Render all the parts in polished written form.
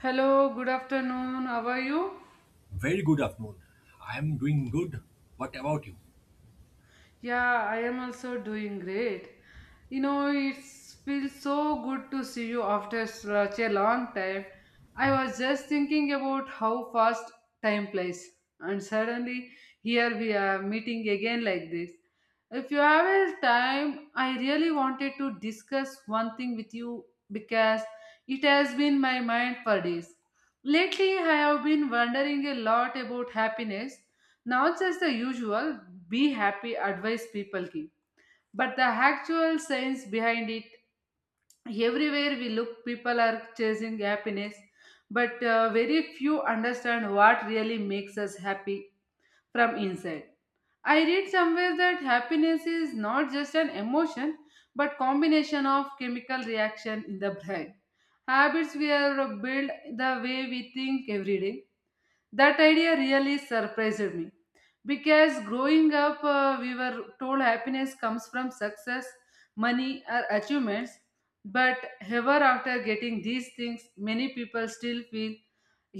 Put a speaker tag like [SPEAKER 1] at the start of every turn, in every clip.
[SPEAKER 1] Hello, good afternoon. How are you?
[SPEAKER 2] Very good afternoon. I'm doing good. What about you?
[SPEAKER 1] Yeah, I am also doing great. You know, it feels so good to see you after such a long time. I was just thinking about how fast time flies, and suddenly here we are meeting again like this. If you have a time, I really wanted to discuss one thing with you because it has been in my mind for days. Lately, I have been wondering a lot about happiness. Not just the usual be happy advice people give, but the actual science behind it. Everywhere we look, people are chasing happiness, but very few understand what really makes us happy from inside. I read somewhere that happiness is not just an emotion but combination of chemical reaction in the brain. Habits we are built, the way we think every day, that idea really surprised me because growing up, we were told happiness comes from success, money, or achievements. But ever after getting these things, many people still feel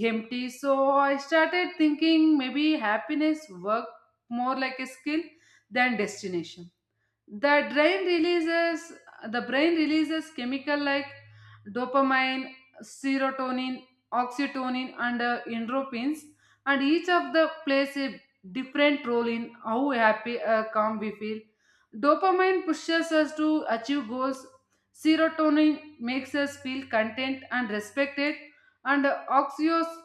[SPEAKER 1] empty. So I started thinking maybe happiness work more like a skill than destination. the brain releases the brain releases chemical like dopamine, serotonin, oxytocin, and endorphins, and each of the plays a different role in how happy or calm we feel. Dopamine pushes us to achieve goals, serotonin makes us feel content and respected, and uh, oxytocin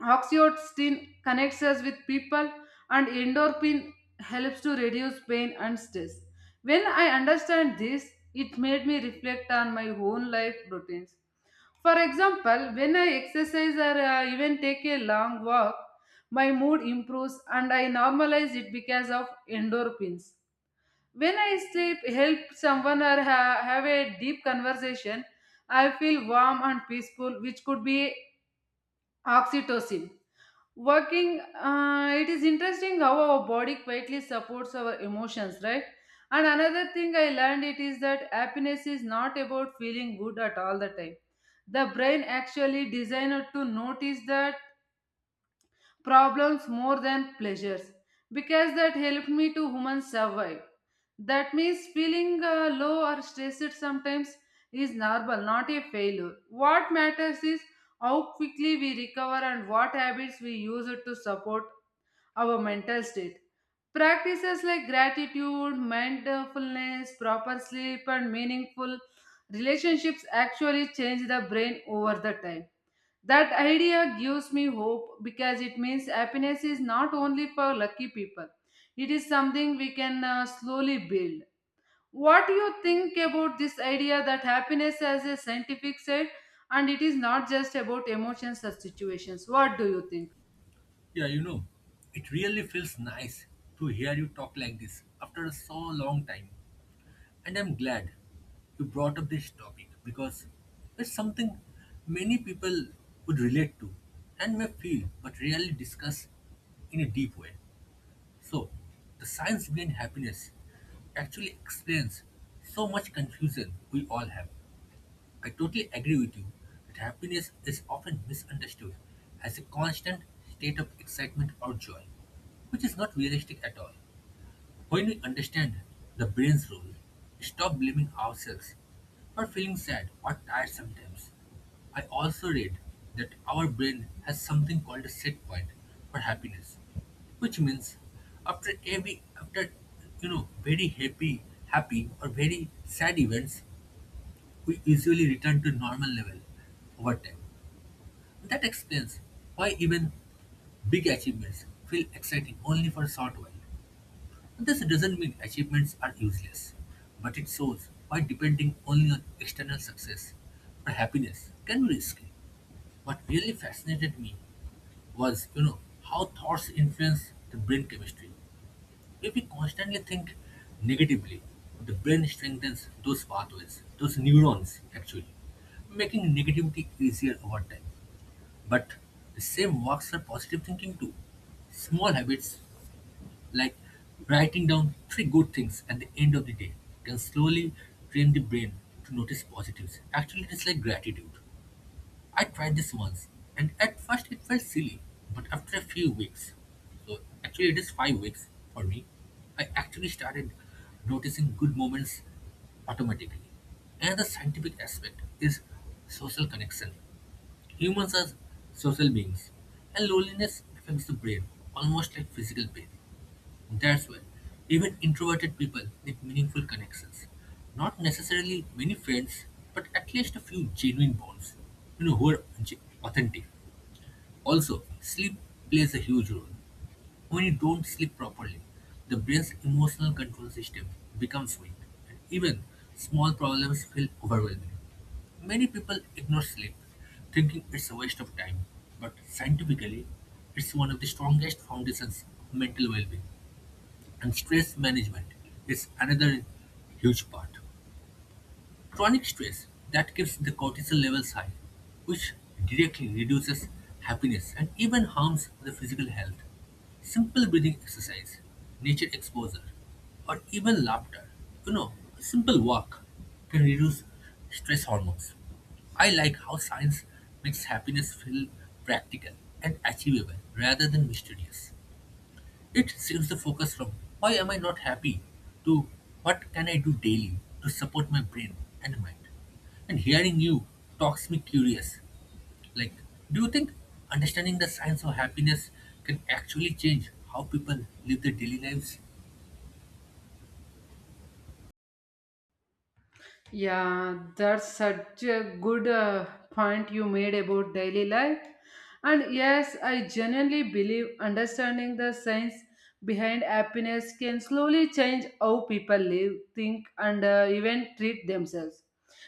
[SPEAKER 1] Oxytocin connects us with people, and endorphin helps to reduce pain and stress. When I understand this, it made me reflect on my own life routines. For example, when I exercise or even take a long walk, my mood improves and I normalize it because of endorphins. When I sleep, help someone or have a deep conversation, I feel warm and peaceful, which could be oxytocin working. It is interesting how our body quietly supports our emotions, right? And another thing I learned it is that happiness is not about feeling good at all the time. The brain actually designed to notice that problems more than pleasures because that helped me to human survive. That means feeling low or stressed sometimes is normal, not a failure. What matters is how quickly we recover and what habits we use it to support our mental state. Practices like gratitude, mindfulness, proper sleep, and meaningful relationships actually change the brain over the time. That idea gives me hope because it means happiness is not only for lucky people, it is something we can slowly build. What do you think about this idea that happiness has a scientific side and it is not just about emotions or situations? What do you think?
[SPEAKER 2] Yeah, it really feels nice to hear you talk like this after so long time. And I'm glad you brought up this topic because it's something many people would relate to and may feel but rarely discuss in a deep way. So, the science behind happiness actually explains so much confusion we all have. I totally agree with you that happiness is often misunderstood as a constant state of excitement or joy, which is not realistic at all. When we understand the brain's role, we stop blaming ourselves for feeling sad or tired sometimes. I also read that our brain has something called a set point for happiness, which means after very happy or very sad events we usually return to normal level over time. That explains why even big achievements feel exciting only for a short while. This doesn't mean achievements are useless, but it shows why depending only on external success or happiness can be risky. What really fascinated me was, how thoughts influence the brain chemistry. If we constantly think negatively, the brain strengthens those pathways, those neurons actually, making negativity easier over time. But the same works for positive thinking too. Small habits like writing down three good things at the end of the day can slowly train the brain to notice positives. Actually, it is like gratitude. I tried this once, and at first it felt silly, but after a few weeks, so actually it is 5 weeks for me, I actually started noticing good moments automatically. Another scientific aspect is social connection. Humans are social beings, and loneliness affects the brain almost like physical pain. That's why even introverted people need meaningful connections. Not necessarily many friends, but at least a few genuine bonds, who are authentic. Also, sleep plays a huge role. When you don't sleep properly, the brain's emotional control system becomes weak, and even small problems feel overwhelming. Many people ignore sleep, thinking it's a waste of time, but scientifically, it's one of the strongest foundations of mental well being. And stress management is another huge part. Chronic stress that keeps the cortisol levels high, which directly reduces happiness and even harms the physical health. Simple breathing exercise, nature exposure, or even laughter, you know, a simple walk can reduce stress hormones. I like how science makes happiness feel practical and achievable rather than mysterious. It shifts the focus from why am I not happy to what can I do daily to support my brain and mind. And hearing you talks me curious. Like, do you think understanding the science of happiness can actually change how people live their daily lives?
[SPEAKER 1] Yeah, that's such a good point you made about daily life. And yes, I genuinely believe understanding the science behind happiness can slowly change how people live, think, and even treat themselves.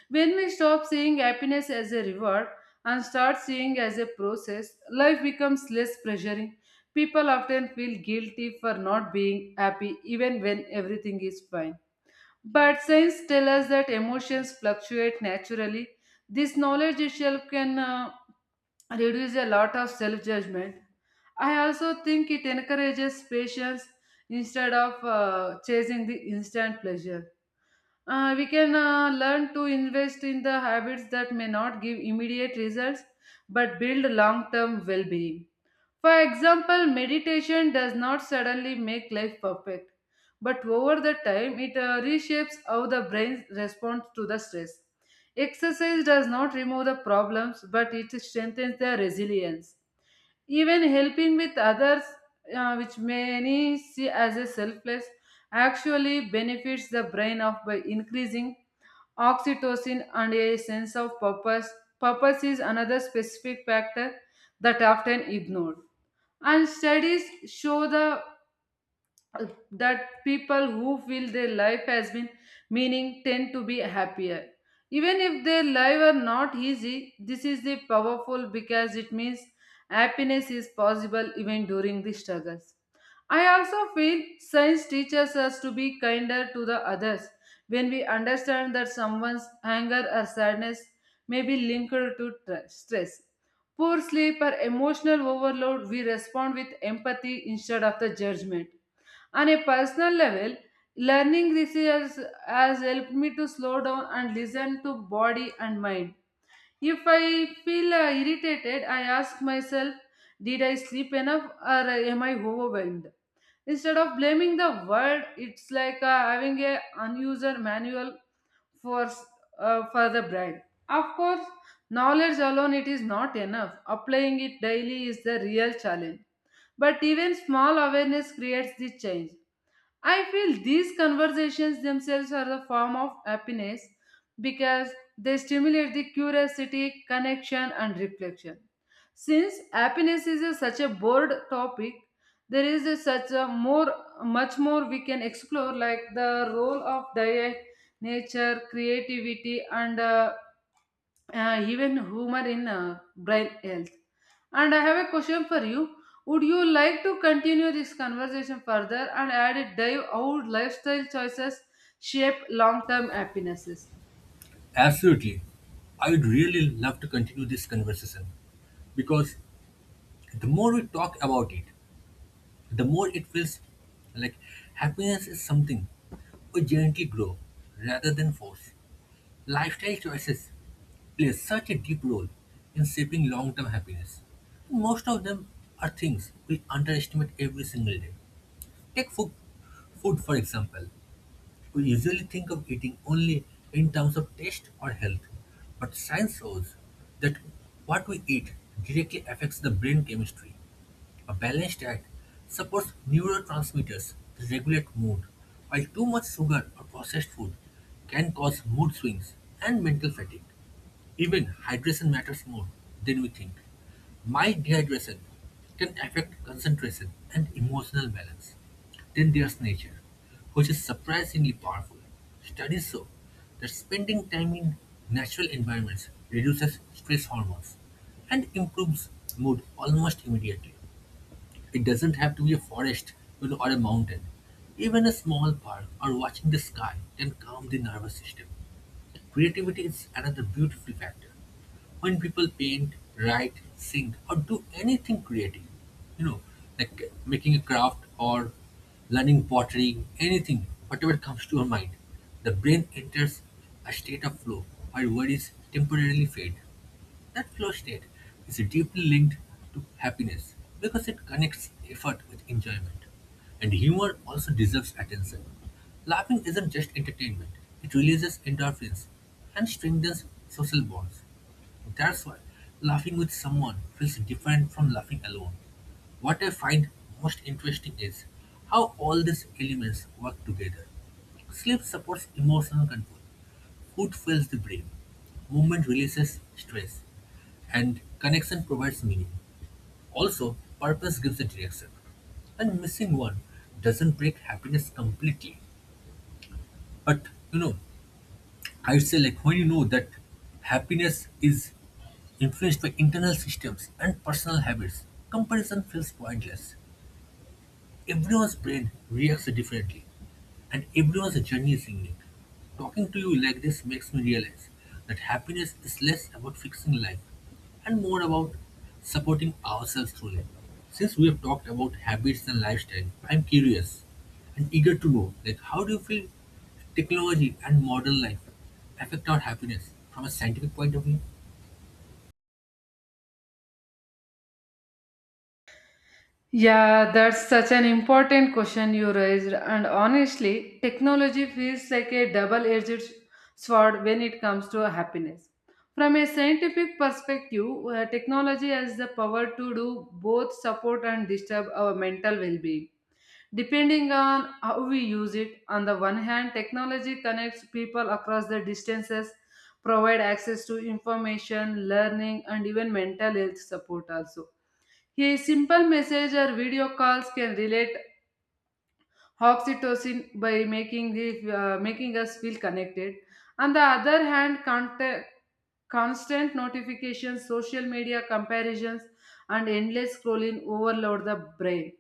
[SPEAKER 1] When we stop seeing happiness as a reward and start seeing as a process, life becomes less pressuring. People often feel guilty for not being happy even when everything is fine. But science tells us that emotions fluctuate naturally. This knowledge itself can reduce a lot of self judgment. I also think it encourages patience instead of chasing the instant pleasure. We can learn to invest in the habits that may not give immediate results but build long term well being. For example, meditation does not suddenly make life perfect, but over the time it reshapes how the brain responds to the stress. Exercise does not remove the problems, but it strengthens the resilience. Even helping with others, which many see as a selfless, actually benefits the brain of by increasing oxytocin and a sense of purpose. Purpose is another specific factor that often ignored, and studies show the that people who feel their life has been meaning tend to be happier even if their life are not easy. This is the powerful because it means happiness is possible even during the struggles. I also feel science teaches us to be kinder to the others. When we understand that someone's anger or sadness may be linked to stress, poor sleep, or emotional overload, we respond with empathy instead of the judgment. On a personal level, learning this has helped me to slow down and listen to body and mind. If I feel irritated, I ask myself, did I sleep enough, or am I overwhelmed? Instead of blaming the world, it's like having a unuser manual for, s- for the brain. Of course, knowledge alone it is not enough. Applying it daily is the real challenge. But even small awareness creates the change. I feel these conversations themselves are the form of happiness because they stimulate the curiosity, connection, and reflection. Since happiness is a, such a broad topic, there is a, such a more, much more we can explore, like the role of diet, nature, creativity, and even humor in brain health. And I have a question for you. Would you like to continue this conversation further and add a dive how lifestyle choices shape long-term happinesses?
[SPEAKER 2] Absolutely. I would really love to continue this conversation because the more we talk about it, the more it feels like happiness is something we gently grow rather than force. Lifestyle choices play such a deep role in shaping long-term happiness. Most of them are things we underestimate every single day. Take food for example. We usually think of eating only in terms of taste or health, but science shows that what we eat directly affects the brain chemistry. A balanced diet supports neurotransmitters that regulate mood, while too much sugar or processed food can cause mood swings and mental fatigue. Even hydration matters more than we think. Mild dehydration can affect concentration and emotional balance. Then there's nature, which is surprisingly powerful. Studies show that spending time in natural environments reduces stress hormones and improves mood almost immediately. It doesn't have to be a forest or a mountain. Even a small park or watching the sky can calm the nervous system. Creativity is another beautiful factor. When people paint, write, sing, or do anything creative, you know, like making a craft or learning pottery, anything, whatever comes to your mind, the brain enters a state of flow where worries temporarily fade. That flow state is deeply linked to happiness because it connects effort with enjoyment. And humor also deserves attention. Laughing isn't just entertainment, it releases endorphins and strengthens social bonds. That's why laughing with someone feels different from laughing alone. What I find most interesting is how all these elements work together. Sleep supports emotional control. Food fills the brain, movement releases stress, and connection provides meaning. Also, purpose gives a direction. And missing one doesn't break happiness completely. But you know, I'd say like when you know that happiness is influenced by internal systems and personal habits, comparison feels pointless. Everyone's brain reacts differently, and everyone's journey is unique. Talking to you like this makes me realize that happiness is less about fixing life and more about supporting ourselves through it. Since we have talked about habits and lifestyle, I'm curious and eager to know like how do you feel technology and modern life affect our happiness from a scientific point of view?
[SPEAKER 1] Yeah, that's such an important question you raised. And honestly, technology feels like a double edged sword when it comes to happiness. From a scientific perspective, technology has the power to do both support and disturb our mental well being. Depending on how we use it, on the one hand, technology connects people across the distances, provide access to information, learning, and even mental health support also. A simple message or video calls can relate oxytocin by making the making us feel connected. On the other hand, contact, constant notifications, social media comparisons, and endless scrolling overload the brain.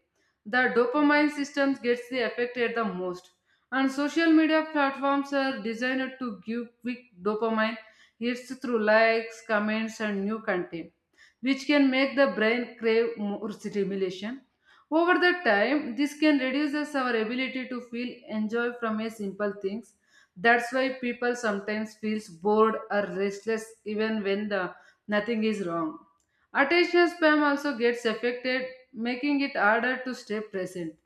[SPEAKER 1] The dopamine system gets the affected the most, and social media platforms are designed to give quick dopamine hits through likes, comments, and new content, which can make the brain crave more stimulation. Over the time, this can reduces our ability to feel enjoy from a simple things. That's why people sometimes feels bored or restless even when the nothing is wrong. Attention spam also gets affected, making it harder to stay present.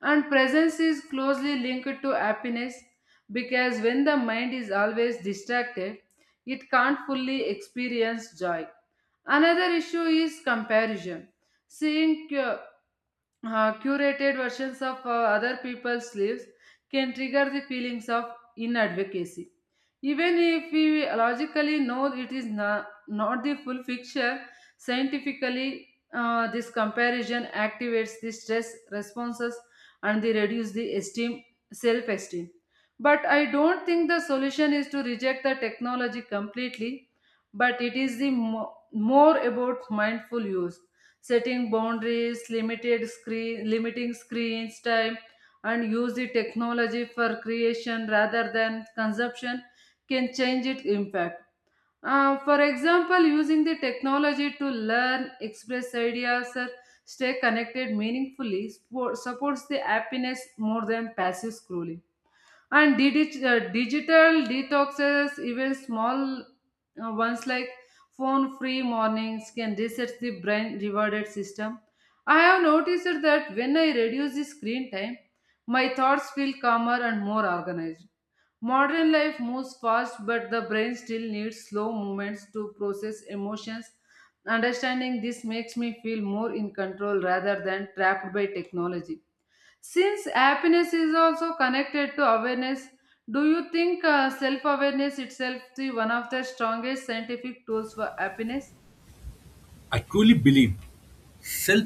[SPEAKER 1] And presence is closely linked to happiness because when the mind is always distracted, it can't fully experience joy. Another issue is comparison. Seeing curated versions of other people's lives can trigger the feelings of inadvocacy. Even if we logically know it is not, not the full picture, scientifically, this comparison activates the stress responses and they reduce the self-esteem. But I don't think the solution is to reject the technology completely, but it is the more about mindful use, setting boundaries, limiting screens time, and use the technology for creation rather than consumption can change its impact. For example, using the technology to learn, express ideas, or stay connected meaningfully supports the happiness more than passive scrolling, and digital detoxes, even small ones like phone free mornings, can reset the brain rewarded system. I have noticed that when I reduce the screen time, my thoughts feel calmer and more organized. Modern life moves fast, but the brain still needs slow movements to process emotions. Understanding this makes me feel more in control rather than trapped by technology. Since happiness is also connected to awareness, do you think self awareness itself is one of the strongest scientific tools for happiness?
[SPEAKER 2] I truly believe self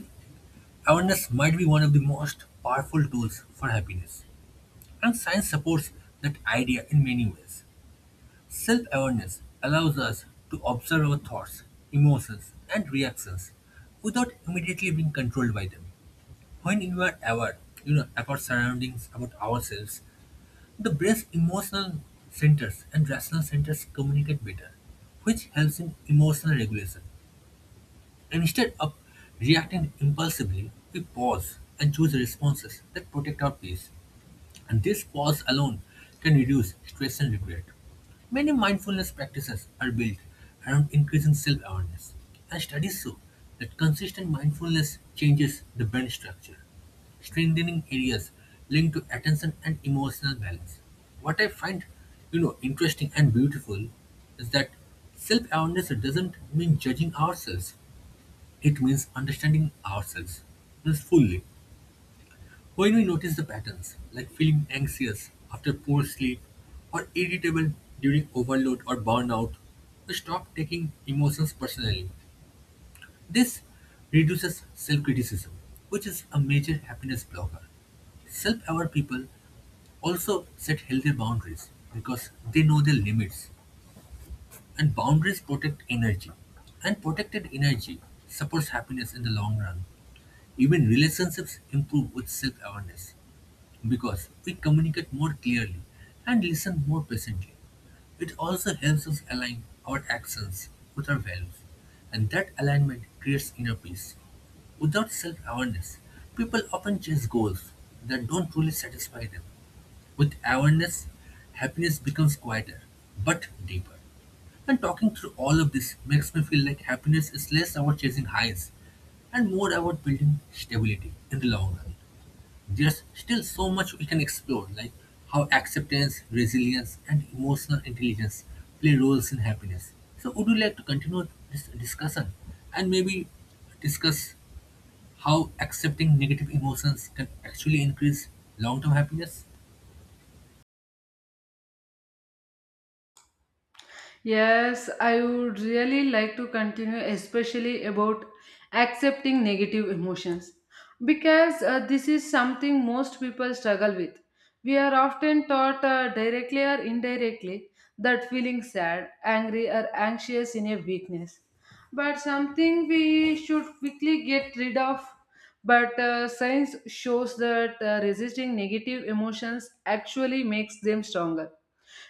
[SPEAKER 2] awareness might be one of the most powerful tools for happiness. And science supports that idea in many ways. Self awareness allows us to observe our thoughts, emotions, and reactions without immediately being controlled by them. When you are aware, about surroundings, about ourselves, the brain's emotional centers and rational centers communicate better, which helps in emotional regulation. Instead of reacting impulsively, we pause and choose responses that protect our peace. And this pause alone can reduce stress and regret. Many mindfulness practices are built around increasing self awareness, and studies show that consistent mindfulness changes the brain structure, strengthening areas linked to attention and emotional balance. What I find interesting and beautiful is that self awareness doesn't mean judging ourselves, it means understanding ourselves means fully. When we notice the patterns, like feeling anxious after poor sleep or irritable during overload or burnout, we stop taking emotions personally. This reduces self criticism, which is a major happiness blocker. Self aware people also set healthy boundaries because they know their limits, and boundaries protect energy. And protected energy supports happiness in the long run. Even relationships improve with self awareness because we communicate more clearly and listen more patiently. It also helps us align our actions with our values, and that alignment creates inner peace. Without self awareness, people often chase goals that don't truly satisfy them. With awareness, happiness becomes quieter but deeper. And talking through all of this makes me feel like happiness is less about chasing highs and more about building stability in the long run. There's still so much we can explore, like how acceptance, resilience, and emotional intelligence play roles in happiness. So, would you like to continue this discussion and maybe discuss how accepting negative emotions can actually increase long term happiness?
[SPEAKER 1] Yes, I would really like to continue, especially about accepting negative emotions, because this is something most people struggle with. We are often taught directly or indirectly that feeling sad, angry, or anxious in a weakness, but something we should quickly get rid of. But science shows that resisting negative emotions actually makes them stronger.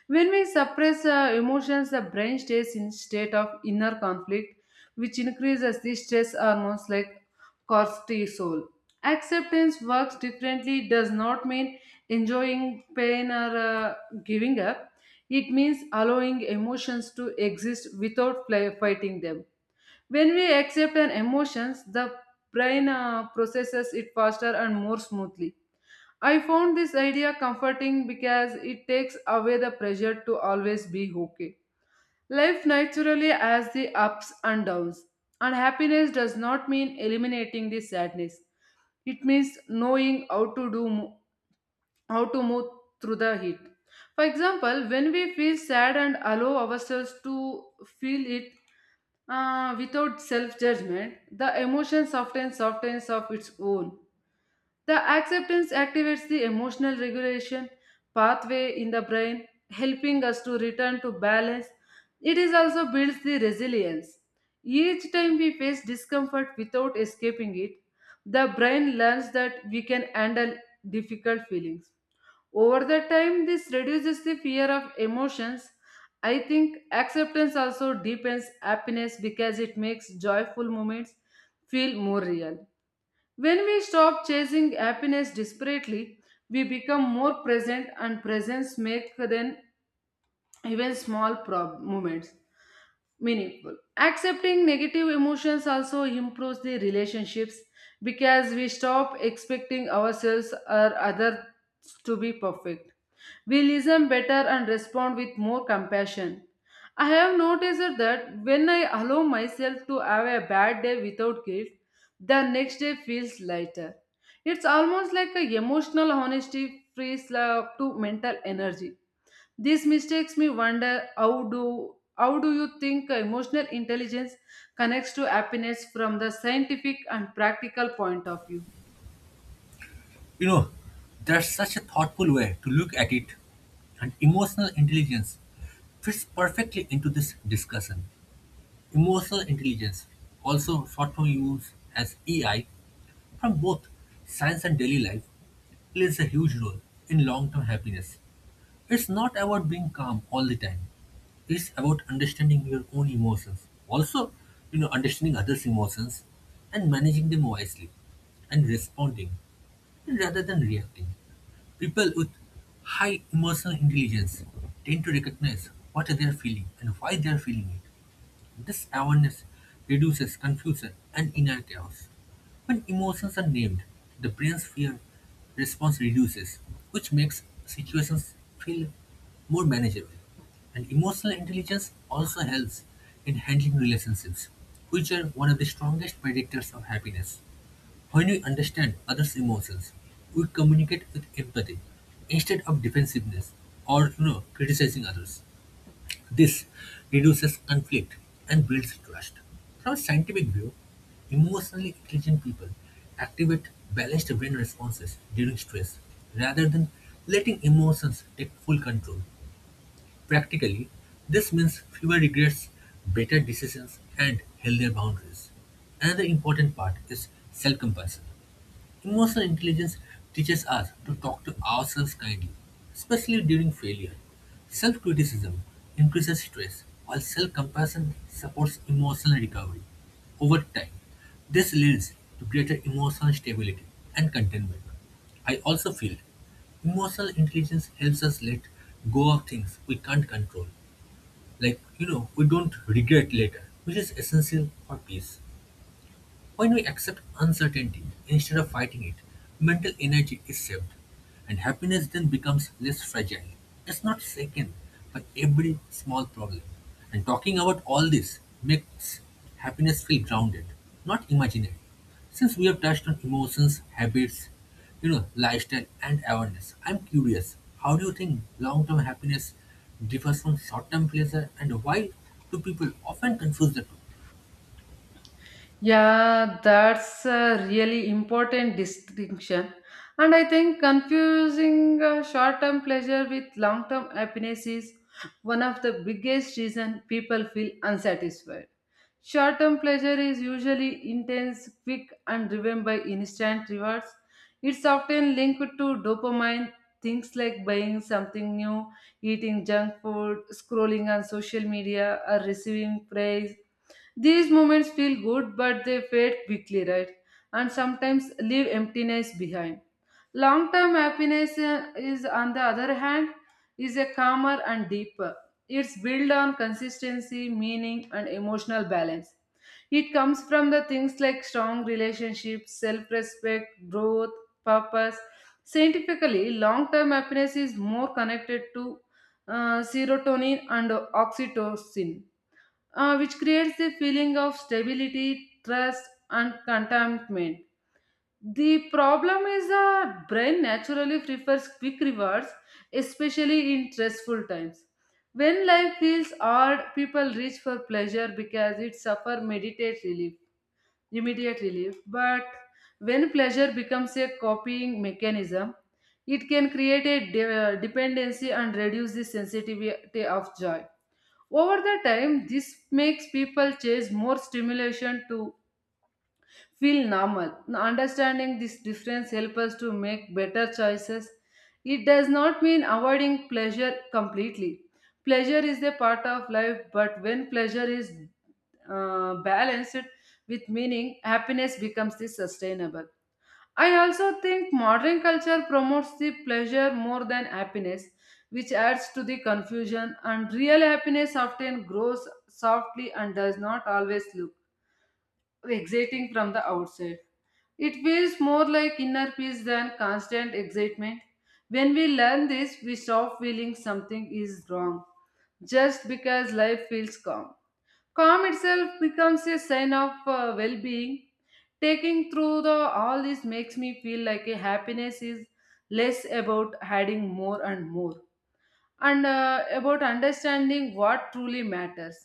[SPEAKER 1] When we suppress emotions, the brain stays in state of inner conflict, which increases the stress hormones like cortisol. Acceptance works differently, does not mean enjoying pain or giving up. It means allowing emotions to exist without fighting them. When we accept an emotions, the brain processes it faster and more smoothly. I found this idea comforting because it takes away the pressure to always be okay. Life naturally has the ups and downs, and happiness does not mean eliminating the sadness. It means knowing how to move through the heat. For example, when we feel sad and allow ourselves to feel it without self judgment, the emotion softens, softens of its own. The acceptance activates the emotional regulation pathway in the brain, helping us to return to balance. It is also builds the resilience. Each time we face discomfort without escaping it, the brain learns that we can handle difficult feelings. Over the time, this reduces the fear of emotions. I think acceptance also deepens happiness because it makes joyful moments feel more real. When we stop chasing happiness desperately, we become more present, and presence make then even small moments meaningful. Accepting negative emotions also improves the relationships because we stop expecting ourselves or others to be perfect. We listen better and respond with more compassion. I have noticed that when I allow myself to have a bad day without guilt, the next day feels lighter. It's almost like a emotional honesty frees up to mental energy. This mistakes me wonder, how do you think emotional intelligence connects to happiness from the scientific and practical point of view?
[SPEAKER 2] You know, that's such a thoughtful way to look at it, and emotional intelligence fits perfectly into this discussion. Emotional intelligence, also short form used as EI, from both science and daily life plays a huge role in long-term happiness. It's not about being calm all the time. It's about understanding your own emotions. Also, understanding others' emotions and managing them wisely and responding rather than reacting. People with high emotional intelligence tend to recognize what they are feeling and why they are feeling it. This awareness reduces confusion and inner chaos. When emotions are named, the brain's fear response reduces, which makes situations feel more manageable. And emotional intelligence also helps in handling relationships, which are one of the strongest predictors of happiness. When we understand others' emotions, we communicate with empathy instead of defensiveness or criticizing others. This reduces conflict and builds trust. From a scientific view, emotionally intelligent people activate balanced brain responses during stress rather than letting emotions take full control. Practically, this means fewer regrets, better decisions, and healthier boundaries. Another important part is self compassion. Emotional intelligence teaches us to talk to ourselves kindly, especially during failure. Self criticism increases stress, while self compassion supports emotional recovery. Over time, this leads to greater emotional stability and contentment. I also feel emotional intelligence helps us let go of things we can't control, like, we don't regret later, which is essential for peace. When we accept uncertainty instead of fighting it, mental energy is saved, and happiness then becomes less fragile. It's not shaken by every small problem. And talking about all this makes happiness feel grounded, not imaginary. Since we have touched on emotions, habits, lifestyle, and awareness, I'm curious how do you think long term happiness differs from short term pleasure, and why do people often confuse the two?
[SPEAKER 1] Yeah, that's a really important distinction. And I think confusing short-term pleasure with long-term happiness is one of the biggest reason people feel unsatisfied. Short term pleasure is usually intense, quick, and driven by instant rewards. It's often linked to dopamine, things like buying something new, eating junk food, scrolling on social media, or receiving praise. These moments feel good, but they fade quickly, right? And sometimes leave emptiness behind. Long term happiness is, on the other hand, is a calmer and deeper. It's built on consistency, meaning, and emotional balance. It comes from the things like strong relationships, self respect, growth, purpose. Scientifically, long term happiness is more connected to serotonin and oxytocin, which creates a feeling of stability, trust, and contentment. The problem is the brain naturally prefers quick rewards, especially in stressful times. When life feels hard, people reach for pleasure because it suffers meditate relief, immediate relief. But when pleasure becomes a copying mechanism, it can create a dependency and reduce the sensitivity of joy. Over the time, this makes people chase more stimulation to feel normal. Understanding this difference helps us to make better choices. It does not mean avoiding pleasure completely. Pleasure is a part of life, but when pleasure is balanced with meaning, happiness becomes the sustainable. I also think modern culture promotes the pleasure more than happiness, which adds to the confusion, and real happiness often grows softly and does not always look exciting from the outside. It feels more like inner peace than constant excitement. When we learn this, we stop feeling something is wrong just because life feels calm. Calm itself becomes a sign of well-being. Taking through the all this makes me feel like a happiness is less about adding more and more and about understanding what truly matters.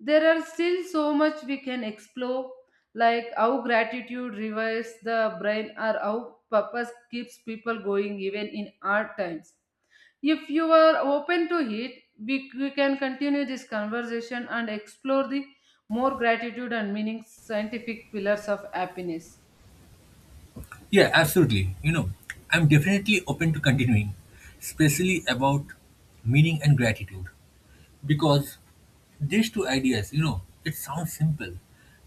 [SPEAKER 1] There are still so much we can explore, like how gratitude revives the brain or how purpose keeps people going even in hard times. If you are open to it, we can continue this conversation and explore the more gratitude and meaning scientific pillars of happiness.
[SPEAKER 2] Yeah, absolutely. I'm definitely open to continuing, especially about meaning and gratitude, because these two ideas, it sounds simple,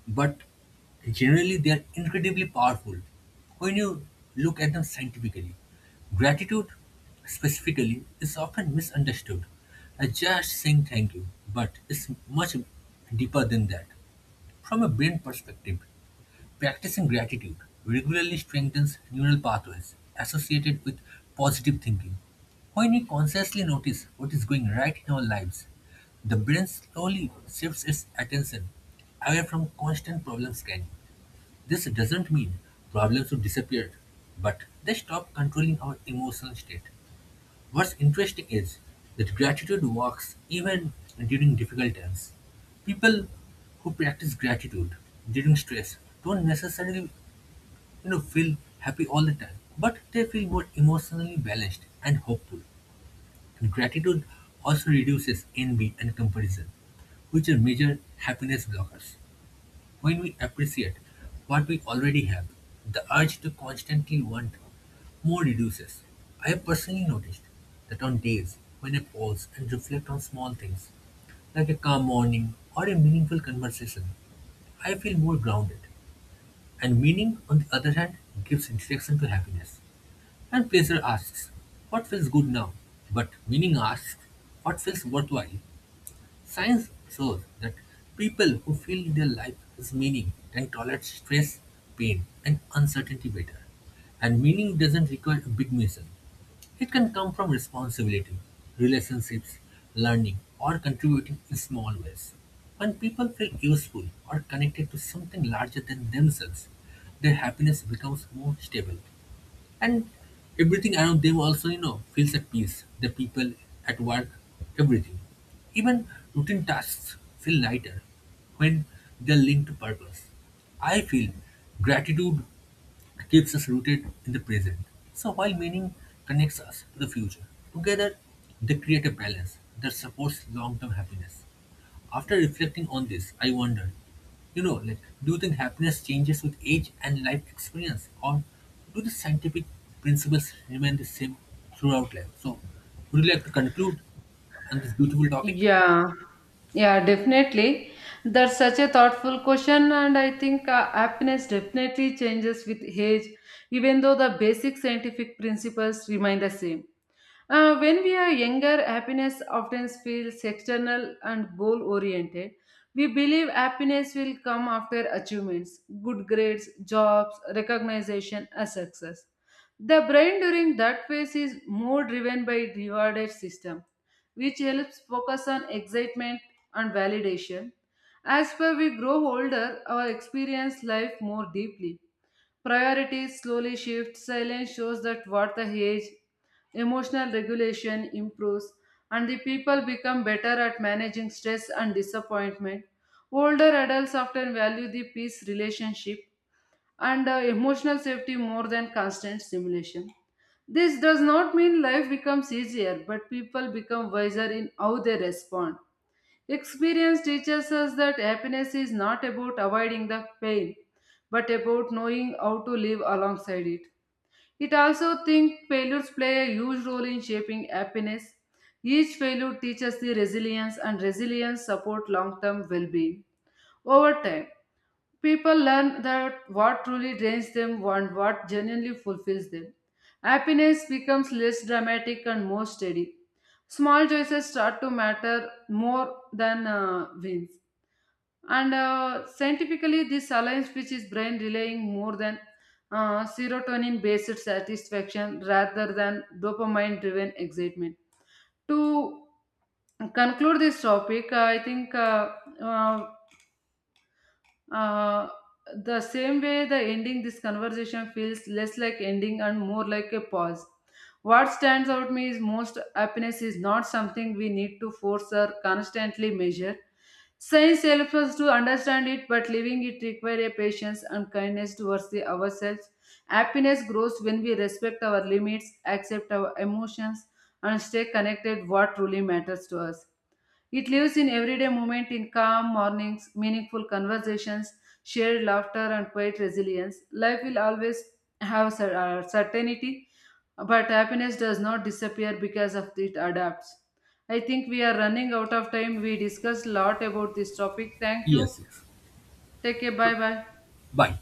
[SPEAKER 2] but generally they are incredibly powerful when you look at them scientifically. Gratitude, specifically, is often misunderstood as just saying thank you, but it's much deeper than that from a brain perspective. Practicing gratitude regularly strengthens neural pathways associated with positive thinking. When we consciously notice what is going right in our lives, the brain slowly shifts its attention away from constant problem scanning. This doesn't mean problems will disappear, but they stop controlling our emotional state. What's interesting is that gratitude works even during difficult times. People who practice gratitude during stress don't necessarily feel happy all the time, but they feel more emotionally balanced and hopeful. And gratitude also reduces envy and comparison, which are major happiness blockers. When we appreciate what we already have, the urge to constantly want more reduces. I have personally noticed that on days when I pause and reflect on small things, like a calm morning or a meaningful conversation, I feel more grounded. And meaning, on the other hand, gives direction to happiness. And pleasure asks, what feels good now? But meaning asks, what feels worthwhile? Science shows that people who feel their life has meaning and tolerate stress, pain, and uncertainty better. And meaning doesn't require a big mission. It can come from responsibility, relationships, learning, or contributing in small ways. When people feel useful or connected to something larger than themselves, their happiness becomes more stable, and everything around them also feels at peace, the people at work, everything, even routine tasks feel lighter when they're linked to purpose. I feel gratitude keeps us rooted in the present. So while meaning connects us to the future, together they create a balance that supports long-term happiness. After reflecting on this, I wonder, like, do you think happiness changes with age and life experience, or do the scientific principles remain the same throughout life? So, would you like to conclude on this beautiful topic?
[SPEAKER 1] Yeah, yeah, definitely. That's such a thoughtful question, and I think happiness definitely changes with age, even though the basic scientific principles remain the same. When we are younger, happiness often feels external and goal oriented. We believe happiness will come after achievements, good grades, jobs, recognition, and success. The brain during that phase is more driven by rewarded system, which helps focus on excitement and validation. As per we grow older, our experience life more deeply. Priorities slowly shift. Silence shows that what the age, emotional regulation improves, and the people become better at managing stress and disappointment. Older adults often value the peace relationship and emotional safety more than constant stimulation. This does not mean life becomes easier, but people become wiser in how they respond. Experience teaches us that happiness is not about avoiding the pain, but about knowing how to live alongside it. It also thinks failures play a huge role in shaping happiness. Each failure teaches the resilience, and resilience support long-term well-being over time. People learn that what truly drains them and what genuinely fulfills them. Happiness becomes less dramatic and more steady. Small choices start to matter more than wins. And scientifically, this aligns which is brain relying more than serotonin based satisfaction rather than dopamine driven excitement. To conclude this topic, I think uh, uh, the same way, the ending this conversation feels less like ending and more like a pause. What stands out me is most happiness is not something we need to force or constantly measure. Science helps us to understand it, but living it requires a patience and kindness towards the ourselves. Happiness grows when we respect our limits, accept our emotions, and stay connected what truly matters to us. It lives in everyday moment in calm mornings, meaningful conversations, shared laughter, and quiet resilience. Life will always have certainty, but happiness does not disappear because of it adapts. I think we are running out of time. We discussed a lot about this topic. Thank you.
[SPEAKER 2] Yes, yes.
[SPEAKER 1] Take care. Bye bye.
[SPEAKER 2] Bye.